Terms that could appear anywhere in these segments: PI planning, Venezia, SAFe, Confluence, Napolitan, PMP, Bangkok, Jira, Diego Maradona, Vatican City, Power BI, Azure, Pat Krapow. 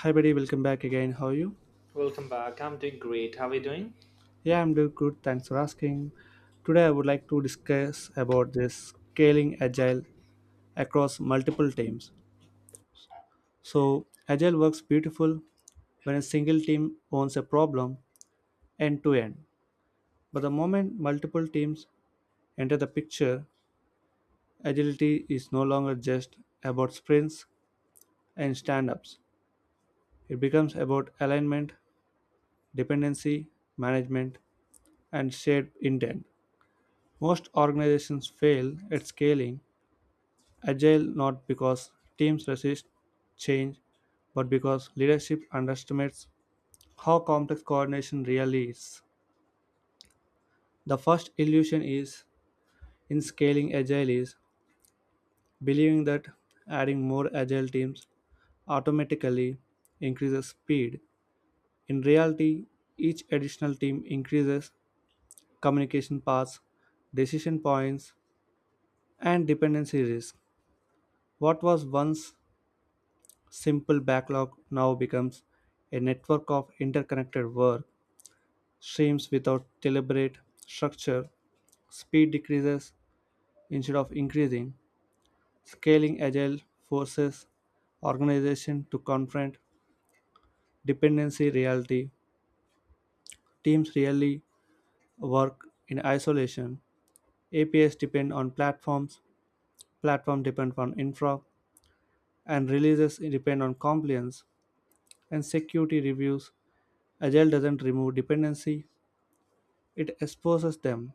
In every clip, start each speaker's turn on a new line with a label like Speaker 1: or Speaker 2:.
Speaker 1: Hi, buddy. Welcome back again. How are you?
Speaker 2: Welcome back. I'm doing great. How are you doing?
Speaker 1: Yeah, I'm doing good. Thanks for asking. Today, I would like to discuss about this scaling agile across multiple teams. So, agile works beautiful when a single team owns a problem end to end. But the moment multiple teams enter the picture, agility is no longer just about sprints and stand ups. It becomes about alignment, dependency, management, and shared intent. Most organizations fail at scaling agile not because teams resist change, but because leadership underestimates how complex coordination really is. The first illusion is in scaling agile is believing that adding more agile teams automatically increases speed. In reality, each additional team increases communication paths, decision points, and dependency risk. What was once simple backlog now becomes a network of interconnected work streams without deliberate structure. Speed decreases instead of increasing. Scaling agile forces organization to confront dependency reality. Teams rarely work in isolation. APIs depend on platforms, platform depend on infra, and releases depend on compliance and security reviews. Agile doesn't remove dependency, it exposes them.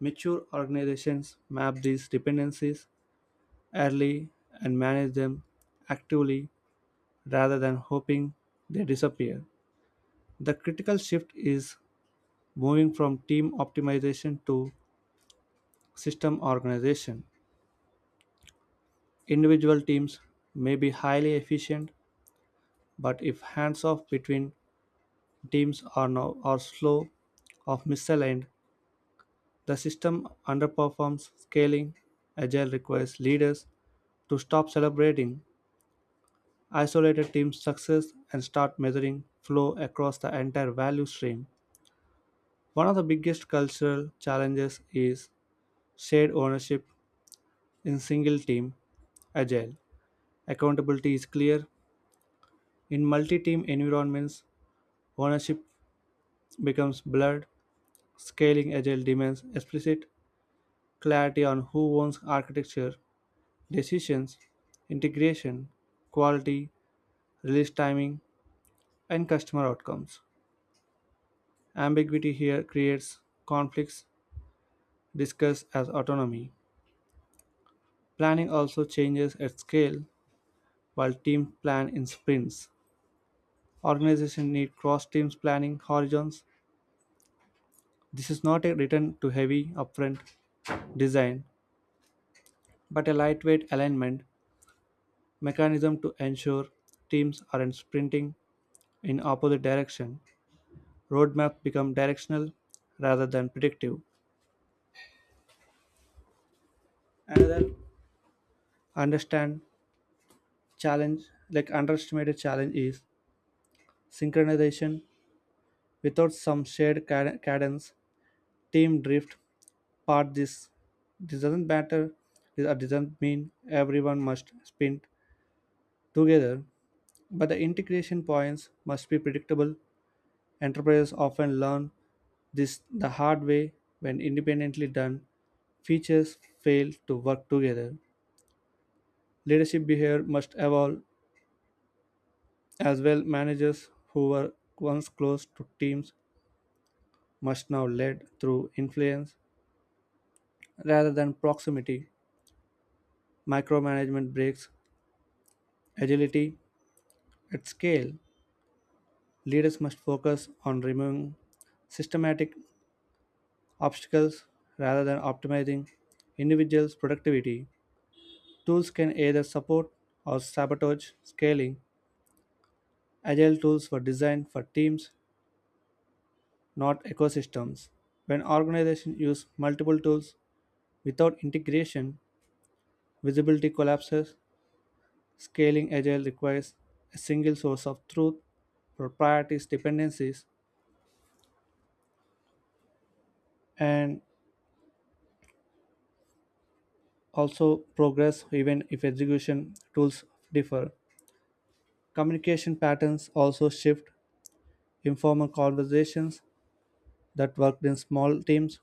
Speaker 1: Mature organizations map these dependencies early and manage them actively rather than hoping they disappear. The critical shift is moving from team optimization to system organization. Individual teams may be highly efficient, but if hands off between teams are, now, are slow or misaligned, the system underperforms scaling. Agile requires leaders to stop celebrating isolated team success and start measuring flow across the entire value stream. One of the biggest cultural challenges is shared ownership in single team agile. Accountability is clear. In multi team environments, ownership becomes blurred. Scaling agile demands explicit clarity on who owns architecture, decisions, integration, quality, release timing, and customer outcomes. Ambiguity here creates conflicts discussed as autonomy. Planning also changes at scale while teams plan in sprints. Organizations need cross teams planning horizons. This is not a return to heavy upfront design, but a lightweight alignment mechanism to ensure teams aren't sprinting in opposite direction. Roadmaps become directional rather than predictive. Another understand challenge, like underestimated challenge, is synchronization without some shared cadence team drift part this doesn't matter or doesn't mean everyone must sprint together, but the integration points must be predictable. Enterprises often learn this the hard way when independently done features fail to work together. Leadership behavior must evolve as well. Managers who were once close to teams must now lead through influence rather than proximity. Micromanagement breaks agility. At scale, leaders must focus on removing systematic obstacles rather than optimizing individuals' productivity. Tools can either support or sabotage scaling. Agile tools were designed for teams, not ecosystems. When organizations use multiple tools without integration, visibility collapses. Scaling agile requires a single source of truth for priorities, dependencies, and also progress even if execution tools differ. Communication patterns also shift. Informal conversations that worked in small teams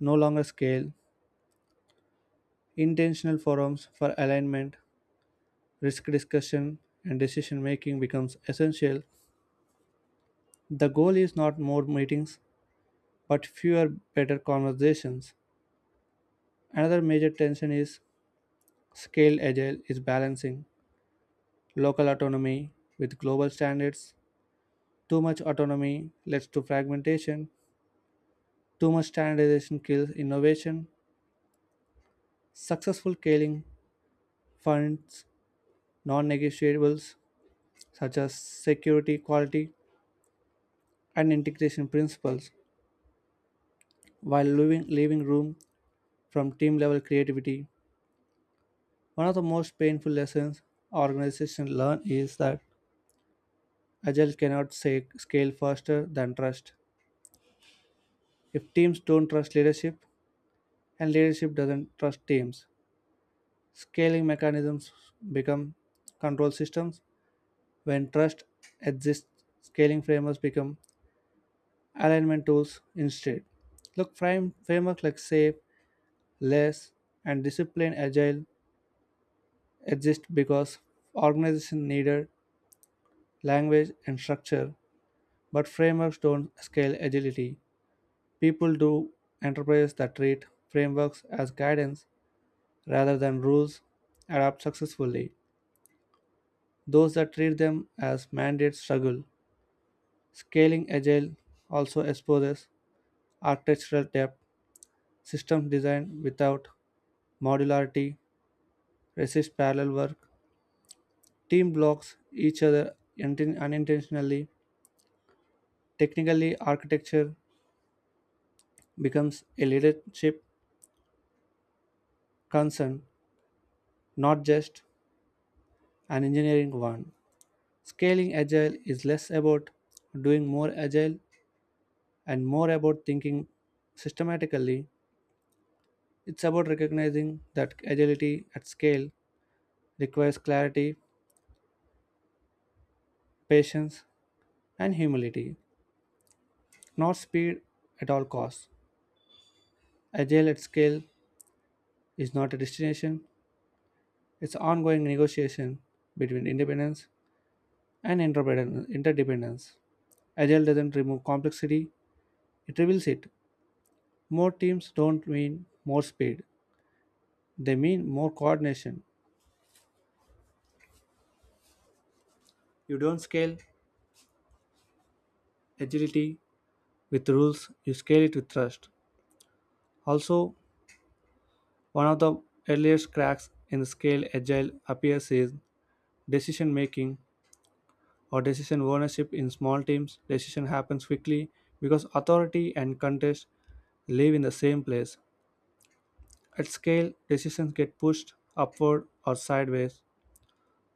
Speaker 1: no longer scale. Intentional forums for alignment, risk discussion, and decision making becomes essential. The goal is not more meetings, but fewer better conversations. Another major tension is scale agile is balancing local autonomy with global standards. Too much autonomy leads to fragmentation. Too much standardization kills innovation. Successful scaling funds non negotiables such as security, quality, and integration principles while leaving room from team level creativity. One of the most painful lessons organizations learn is that agile cannot scale faster than trust. If teams don't trust leadership, and leadership doesn't trust teams, scaling mechanisms become control systems. When trust exists, scaling frameworks become alignment tools instead. Look, frameworks like SAFe, LESS, and Discipline Agile exist because organizations needed language and structure, but frameworks don't scale agility. People do. Enterprises that treat frameworks as guidance rather than rules adapt successfully. Those that treat them as mandates struggle. Scaling Agile also exposes architectural depth, system design without modularity, resists parallel work, team blocks each other unintentionally. Technically, architecture becomes a leadership concern, not just an engineering one. Scaling Agile is less about doing more agile and more about thinking systematically. It's about recognizing that agility at scale requires clarity patience, and humility, not speed at all costs. Agile at scale is not a destination, it's ongoing negotiation between independence and interdependence. Agile doesn't remove complexity, it reveals it. More teams don't mean more speed, they mean more coordination. You don't scale agility with rules, you scale it with trust. Also, one of the earliest cracks in the scale agile appears is decision making or decision ownership in small teams, decision happens quickly because authority and contest live in the same place. At scale, decisions get pushed upward or sideways,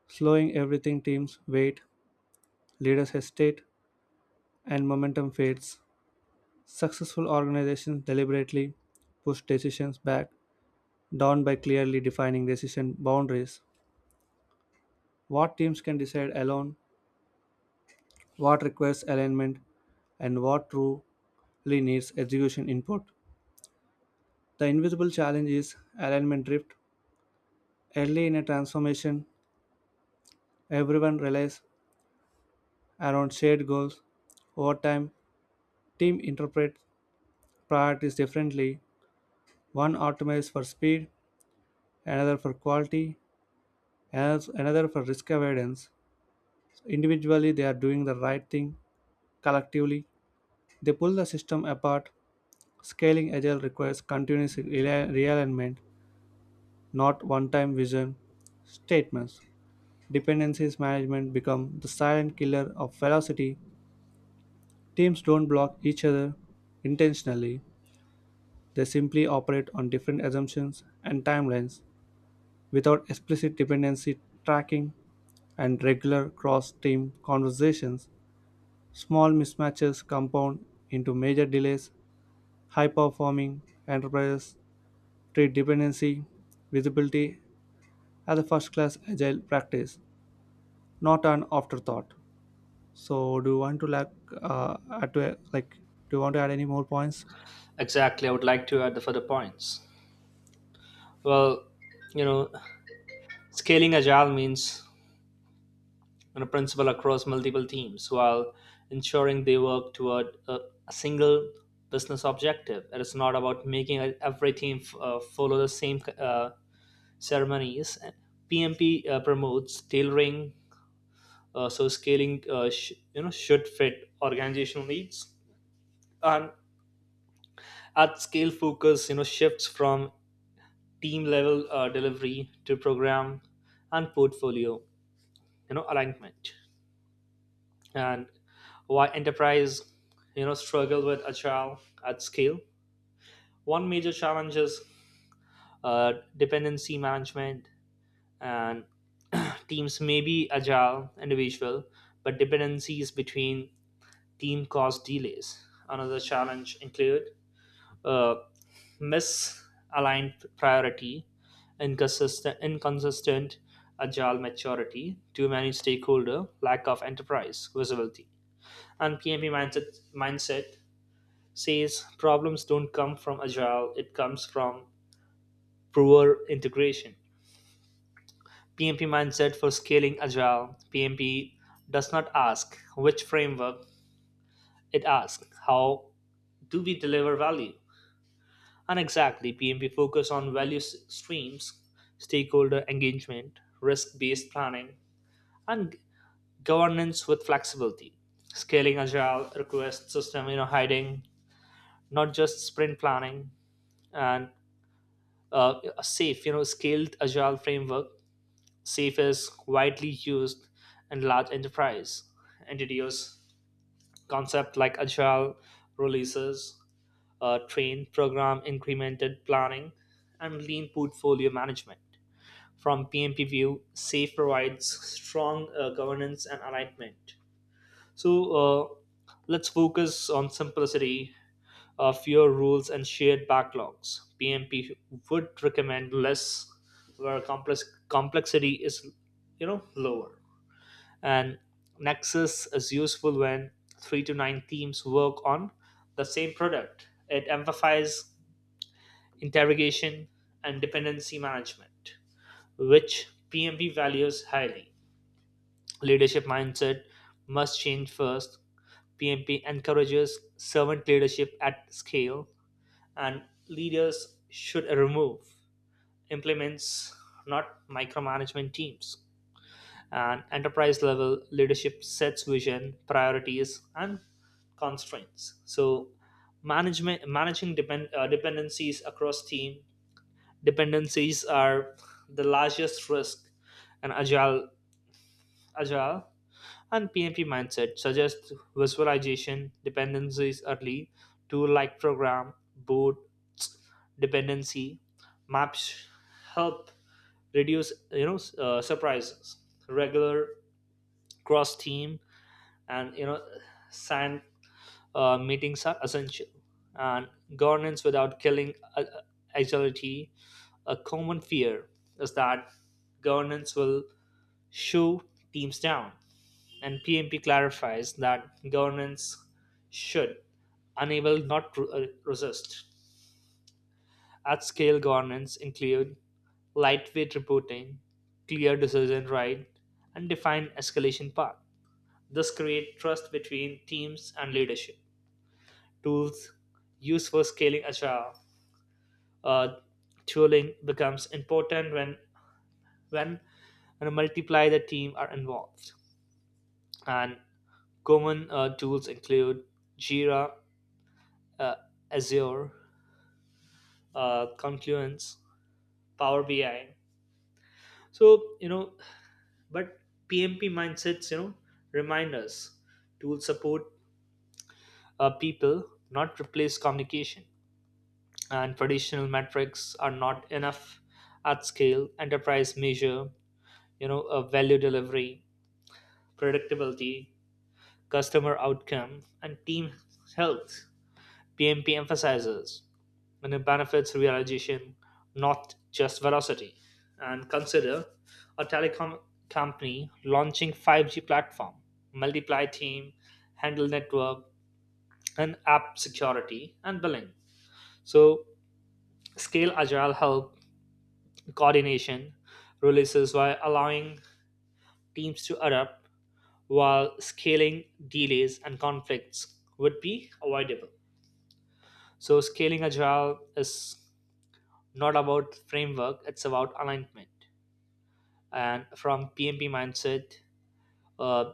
Speaker 1: slowing everything. Teams wait, leaders hesitate, and momentum fades. Successful organizations deliberately push decisions back down by clearly defining decision boundaries. What teams can decide alone, what requires alignment, and what truly needs execution input. The invisible challenge is alignment drift. Early in a transformation, everyone relies around shared goals. Over time, team interprets priorities differently. One optimizes for speed, another for quality, another for risk avoidance. So, individually, they are doing the right thing. Collectively, they pull the system apart. Scaling agile requires continuous realignment, not one time vision statements. Dependencies management become the silent killer of velocity. Teams don't block each other intentionally, they simply operate on different assumptions and timelines without explicit dependency tracking and regular cross team conversations. Small mismatches compound into major delays. High performing enterprises treat dependency visibility as a first class agile practice, not an afterthought. So, do you want to add to do you want to add any more points?
Speaker 2: Exactly, I would like to add the further points. Well, you know, scaling agile means, principle across multiple teams while ensuring they work toward a single business objective. It is not about making every team follow the same ceremonies. PMP promotes tailoring, so scaling should fit organizational needs, and at scale focus, shifts from team level delivery to program and portfolio, alignment. And why enterprise, struggle with agile at scale? One major challenge is dependency management, and teams may be agile individual, but dependencies between team cause delays. Another challenge include uh, misaligned priority, inconsistent agile maturity, too many stakeholder, lack of enterprise visibility. And PMP mindset says problems don't come from agile, it comes from poor integration. PMP mindset for scaling agile, PMP does not ask which framework, it asks how do we deliver value? And exactly, PMP focus on value streams, stakeholder engagement, risk-based planning, and governance with flexibility. Scaling agile request system, you know, hiding not just sprint planning, and a safe, you know, scaled agile framework. Safe is widely used in large enterprise entities. Concept like agile releases, train program incremented planning, and lean portfolio management from PMP view, SAFE provides strong governance and alignment. So, let's focus on simplicity, fewer rules, and shared backlogs. PMP would recommend less where complexity is, you know, lower. And Nexus is useful when three to nine teams work on the same product. It amplifies interrogation and dependency management, which PMP values highly. Leadership mindset must change first. PMP encourages servant leadership at scale, and leaders should remove implements, not micromanagement teams. And enterprise level leadership sets vision, priorities, and constraints. So, management managing dependencies across team, dependencies are the largest risk in agile and PMP mindset suggests visualization dependencies early, tool like program, boot, dependency, maps help reduce, surprises. Regular cross team and, you know, SAN meetings are essential. And governance without killing agility. A common fear is that governance will shoot teams down, and PMP clarifies that governance should enable, not resist. At scale, governance include lightweight reporting, clear decision right, and defined escalation path. This create trust between teams and leadership. Tools used for scaling agile, uh, tooling becomes important when when multiply the team are involved. And common tools include Jira, uh, Azure, Confluence, Power BI. So, you know, but PMP mindsets, you know, remind us tools support people, not replace communication. And traditional metrics are not enough at scale. Enterprise measure, you know, value delivery, predictability, customer outcome, and team health. PMP emphasizes and it benefits realization, not just velocity. And consider a telecom company launching 5G platform, multiply team, handle network, and app security and billing. So scale agile help coordination releases by allowing teams to adapt, while scaling delays and conflicts would be avoidable. So scaling agile is not about framework, it's about alignment. And from PMP mindset, uh,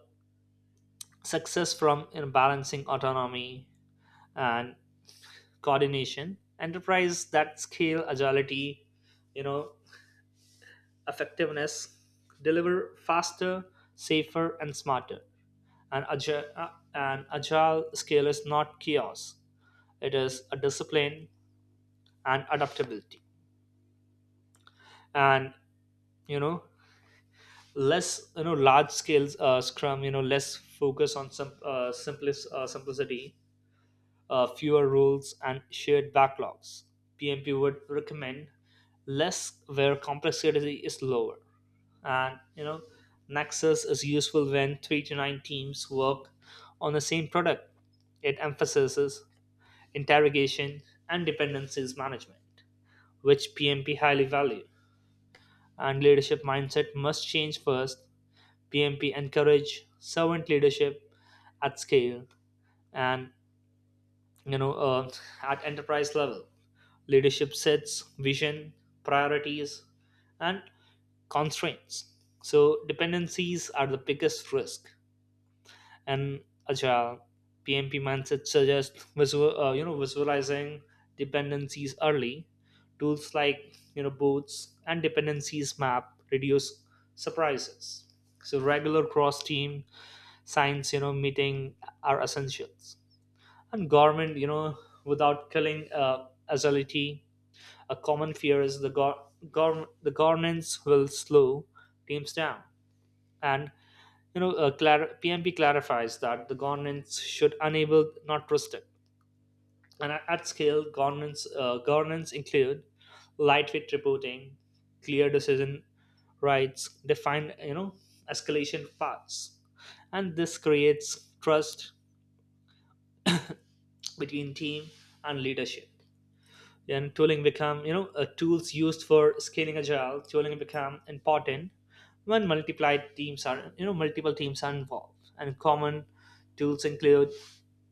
Speaker 2: success from, you know, balancing autonomy and coordination. Enterprise that scale agility, you know, effectiveness, deliver faster, safer, and smarter. And agile scale is not chaos; it is a discipline and adaptability. And you know, less, you know, large scales scrum, you know, less focus on some simplicity, fewer rules, and shared backlogs. PMP would recommend less where complexity is lower. And, you know, Nexus is useful when three to nine teams work on the same product. It emphasizes interrogation and dependencies management, which PMP highly value. And leadership mindset must change first. PMP encourage servant leadership at scale, and you know uh, at enterprise level, leadership sets vision, priorities, and constraints. So, dependencies are the biggest risk. And agile PMP mindset suggests visualizing dependencies early. Tools like, you know, boards and dependencies map reduce surprises. So regular cross-team science, you know, meeting are essentials. And government, you know, without killing agility. A common fear is the the governance will slow teams down, and PMP clarifies that the governance should enable, not restrict. And at scale, governance include lightweight reporting, clear decision rights, defined, you know, escalation paths, and this creates trust between team and leadership. And tooling become, you know, tools used for scaling agile tooling become important when multiplied teams are, you know, multiple teams are involved, and common tools include,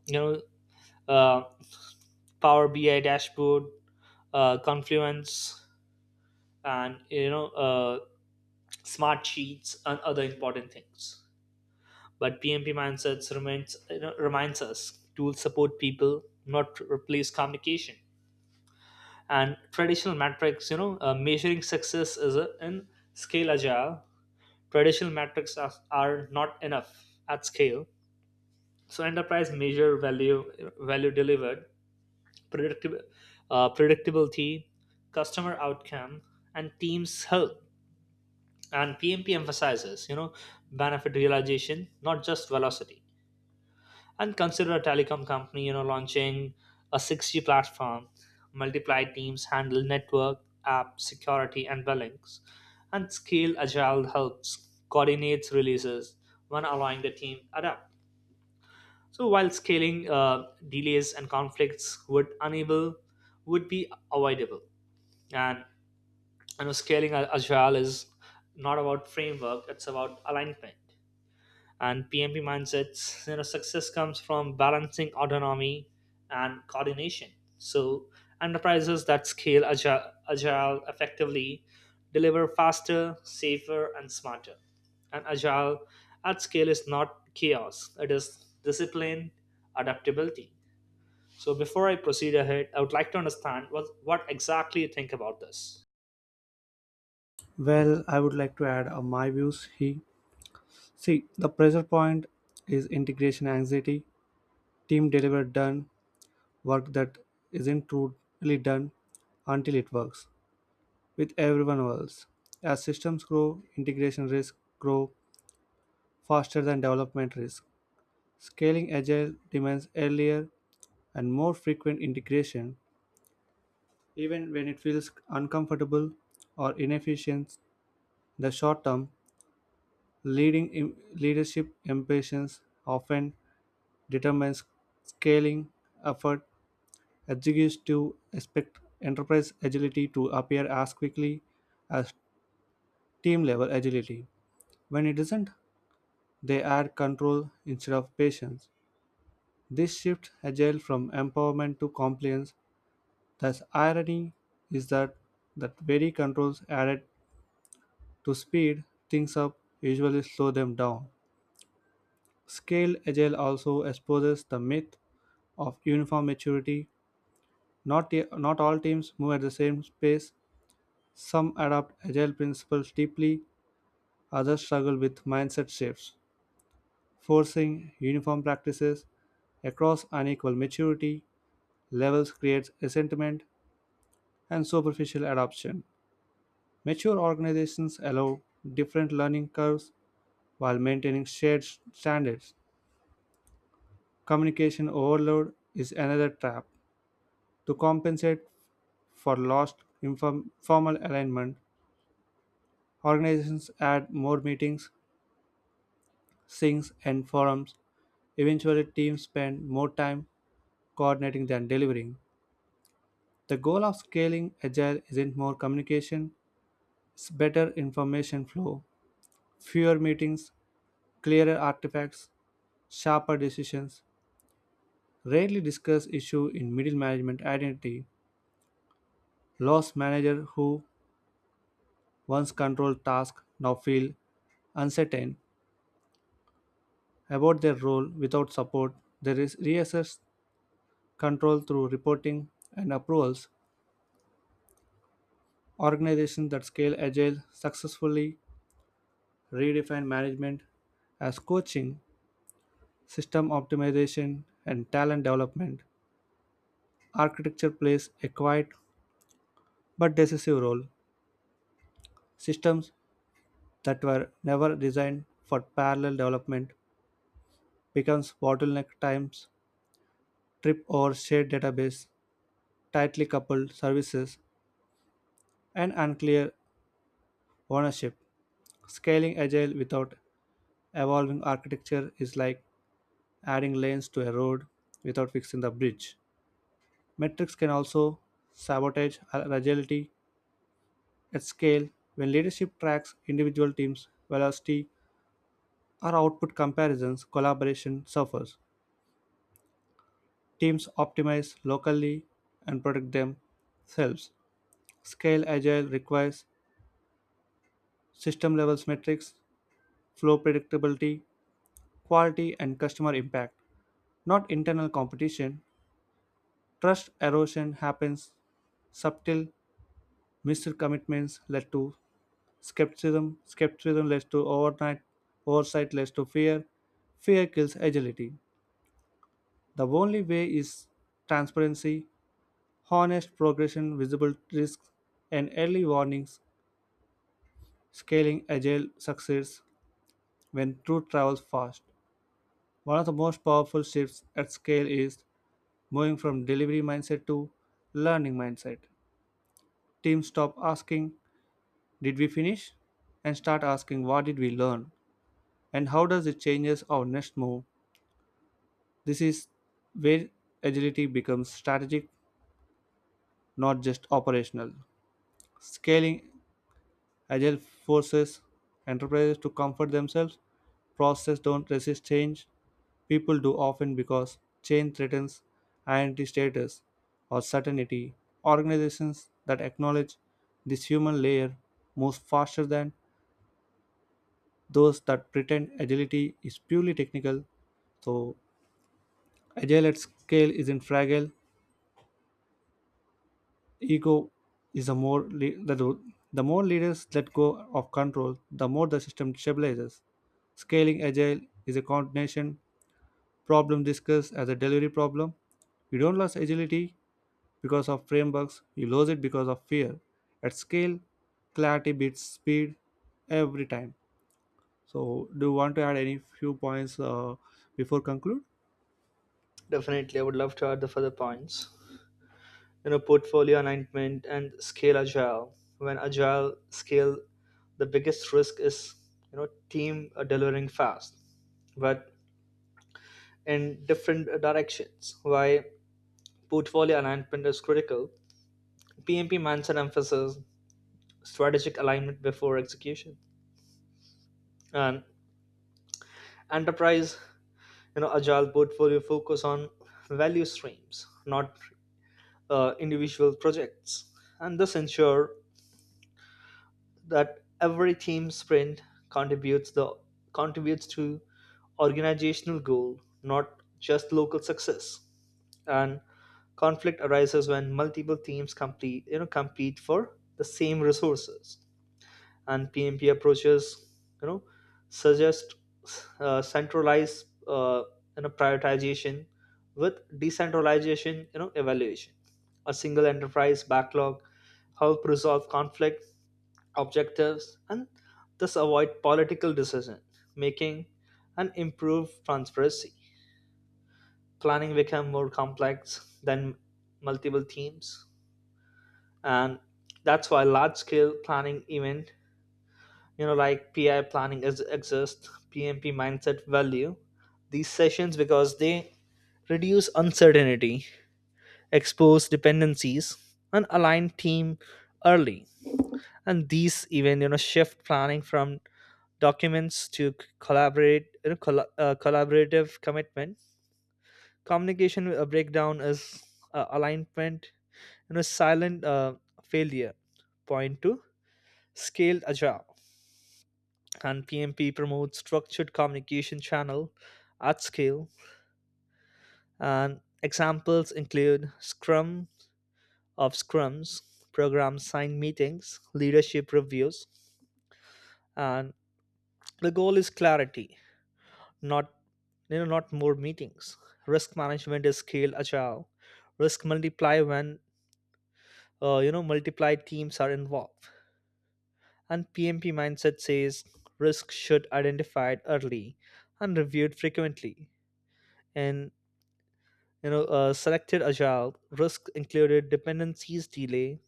Speaker 2: you know, uh, power bi dashboard, confluence and, you know, smart sheets and other important things, but pmp mindsets remains, you know, reminds us tools support people, not replace communication. And traditional metrics, you know, measuring success is a, in scale agile, traditional metrics are not enough at scale, so enterprise measure value delivered, predictable, predictability, customer outcome and teams health. And pmp emphasizes, you know, benefit realization, not just velocity. And consider a telecom company, you know, launching a 6G platform, multiply teams handle network, app security and billings. And scale agile helps coordinates releases when allowing the team adapt. So while scaling, delays and conflicts would unable would be avoidable. And, you know, scaling agile is not about framework, it's about alignment. And PMP mindsets. You know, success comes from balancing autonomy and coordination. So enterprises that scale agile effectively deliver faster, safer, and smarter. And agile at scale is not chaos; it is discipline, adaptability. So, before I proceed ahead, I would like to understand what exactly you think about this.
Speaker 1: Well, I would like to add my views. He see the pressure point is integration anxiety. Team delivered done work that isn't truly done until it works with everyone else. As systems grow, integration risk grow faster than development risk. Scaling agile demands earlier and more frequent integration, even when it feels uncomfortable or inefficient. The short-term leadership ambitions often determines scaling effort. Executives expect enterprise agility to appear as quickly as team-level agility. When it does isn't, they add control instead of patience. This shifts agile from empowerment to compliance. Thus, irony is that very controls added to speed things up usually slow them down. Scaled Agile also exposes the myth of uniform maturity. Not all teams move at the same pace. Some adopt Agile principles deeply, others struggle with mindset shifts, forcing uniform practices across unequal maturity levels creates resentment and superficial adoption. Mature organizations allow different learning curves while maintaining shared standards. Communication overload is another trap. To compensate for lost formal alignment, organizations add more meetings, syncs, and forums. Eventually, teams spend more time coordinating than delivering. The goal of scaling agile isn't more communication, it's better information flow, fewer meetings, clearer artifacts, sharper decisions. Rarely discuss issue in middle management identity. Lost manager who once controlled task now feel uncertain about their role without support. There is reassess control through reporting and approvals. Organizations that scale agile successfully redefine management as coaching, system optimization, and talent development. Architecture plays a quiet but decisive role. Systems that were never designed for parallel development becomes bottleneck times, trip over shared database, tightly coupled services, and unclear ownership. Scaling agile without evolving architecture is like adding lanes to a road without fixing the bridge. Metrics can also sabotage agility at scale when leadership tracks individual teams' velocity or output comparisons, collaboration suffers. Teams optimize locally and protect themselves. Scale agile requires system levels metrics, flow predictability, quality, and customer impact, not internal competition. Trust erosion happens. Subtle missed commitments led to skepticism. Skepticism led to overnight oversight led to fear. Fear kills agility. The only way is transparency, honest progression, visible risks, and early warnings. Scaling agile success when truth travels fast. One of the most powerful shifts at scale is moving from delivery mindset to learning mindset. Teams stop asking, "Did we finish?" And start asking what did we learn and how does it changes our next move? This is where agility becomes strategic, not just operational. Scaling agile forces enterprises to comfort themselves. Processes don't resist change. People do often because change threatens identity status or certainty. Organizations that acknowledge this human layer move faster than those that pretend agility is purely technical. So, agile at scale isn't fragile. Ego is the more leaders let go of control, the more the system stabilizes. Scaling agile is a coordination problem discussed as a delivery problem. You don't lose agility because of frameworks, you lose it because of fear. At scale, clarity beats speed every time. So, do you want to add any few points before conclude?
Speaker 2: Definitely, I would love to add the further points. You know, portfolio alignment and scale agile, when agile scale, the biggest risk is, you know, team are delivering fast, but in different directions. Why portfolio alignment is critical: pmp mindset emphasis strategic alignment before execution. And enterprise, you know, agile portfolio focus on value streams, not individual projects, and this ensure that every team sprint contributes the contributes to organizational goal, not just local success. And conflict arises when multiple teams complete you know compete for the same resources. And PMP approaches, you know, suggest centralized, prioritization with decentralization, you know, evaluation. A single enterprise backlog help resolve conflict objectives and thus avoid political decision making and improve transparency. Planning become more complex than multiple teams, and that's why large scale planning event, you know, like PI planning is exist. PMP mindset value these sessions because they reduce uncertainty, expose dependencies, and align team early. And these even, you know, shift planning from documents to c- collaborate you know, colla collaborative commitment. Communication breakdown is alignment, you know, silent failure point two scaled agile, and pmp promotes structured communication channel at scale. And examples include scrum of scrums, program sign meetings, leadership reviews. And the goal is clarity, not, you know, not more meetings. Risk management is scale agile, risk multiply when multiply teams are involved. And pmp mindset says risk should identified early and reviewed frequently. And, you know, selected agile risk included dependencies delay,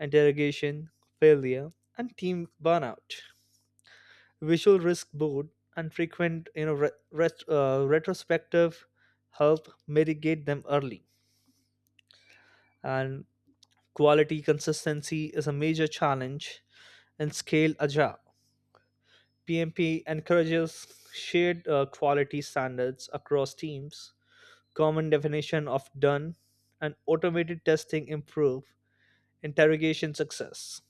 Speaker 2: interrogation failure, and team burnout. Visual risk board and frequent, you know, retrospective help mitigate them early. And quality consistency is a major challenge in scale agile. PMP encourages shared quality standards across teams, common definition of done, and automated testing improve interrogation success.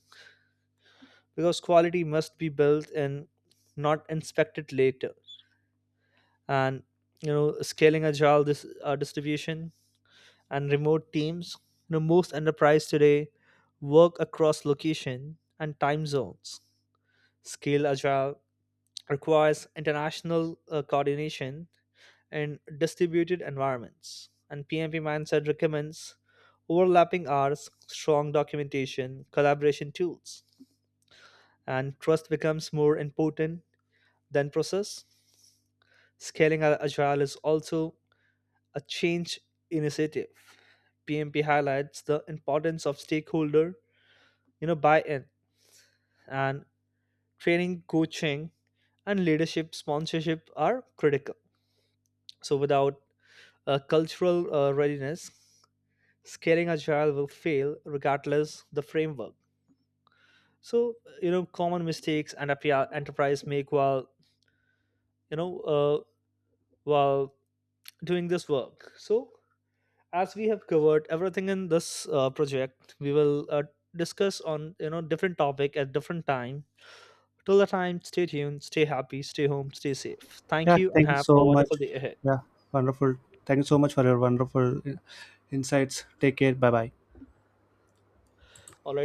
Speaker 2: Because quality must be built in, not inspected later. And, you know, scaling agile this distribution and remote teams. You know, most enterprise today work across location and time zones. Scale agile requires international coordination in distributed environments. And PMP mindset recommends overlapping hours, strong documentation, collaboration tools, and trust becomes more important than process. Scaling agile is also a change initiative. PMP highlights the importance of stakeholder, you know, buy-in and training, coaching, and leadership sponsorship are critical. So without a cultural readiness, scaling agile will fail regardless the framework. So, you know, common mistakes and enterprise make while you know uh, while doing this work. So as we have covered everything in this project, we will discuss on, you know, different topic at different time. Till the time, stay tuned, stay happy, stay home, stay safe. Thank
Speaker 1: Yeah,
Speaker 2: you and
Speaker 1: thank you
Speaker 2: have a
Speaker 1: so
Speaker 2: wonderful
Speaker 1: much.
Speaker 2: day ahead.
Speaker 1: Yeah, wonderful. Thank you so much for your wonderful insights. Take care. Bye bye.
Speaker 2: All right.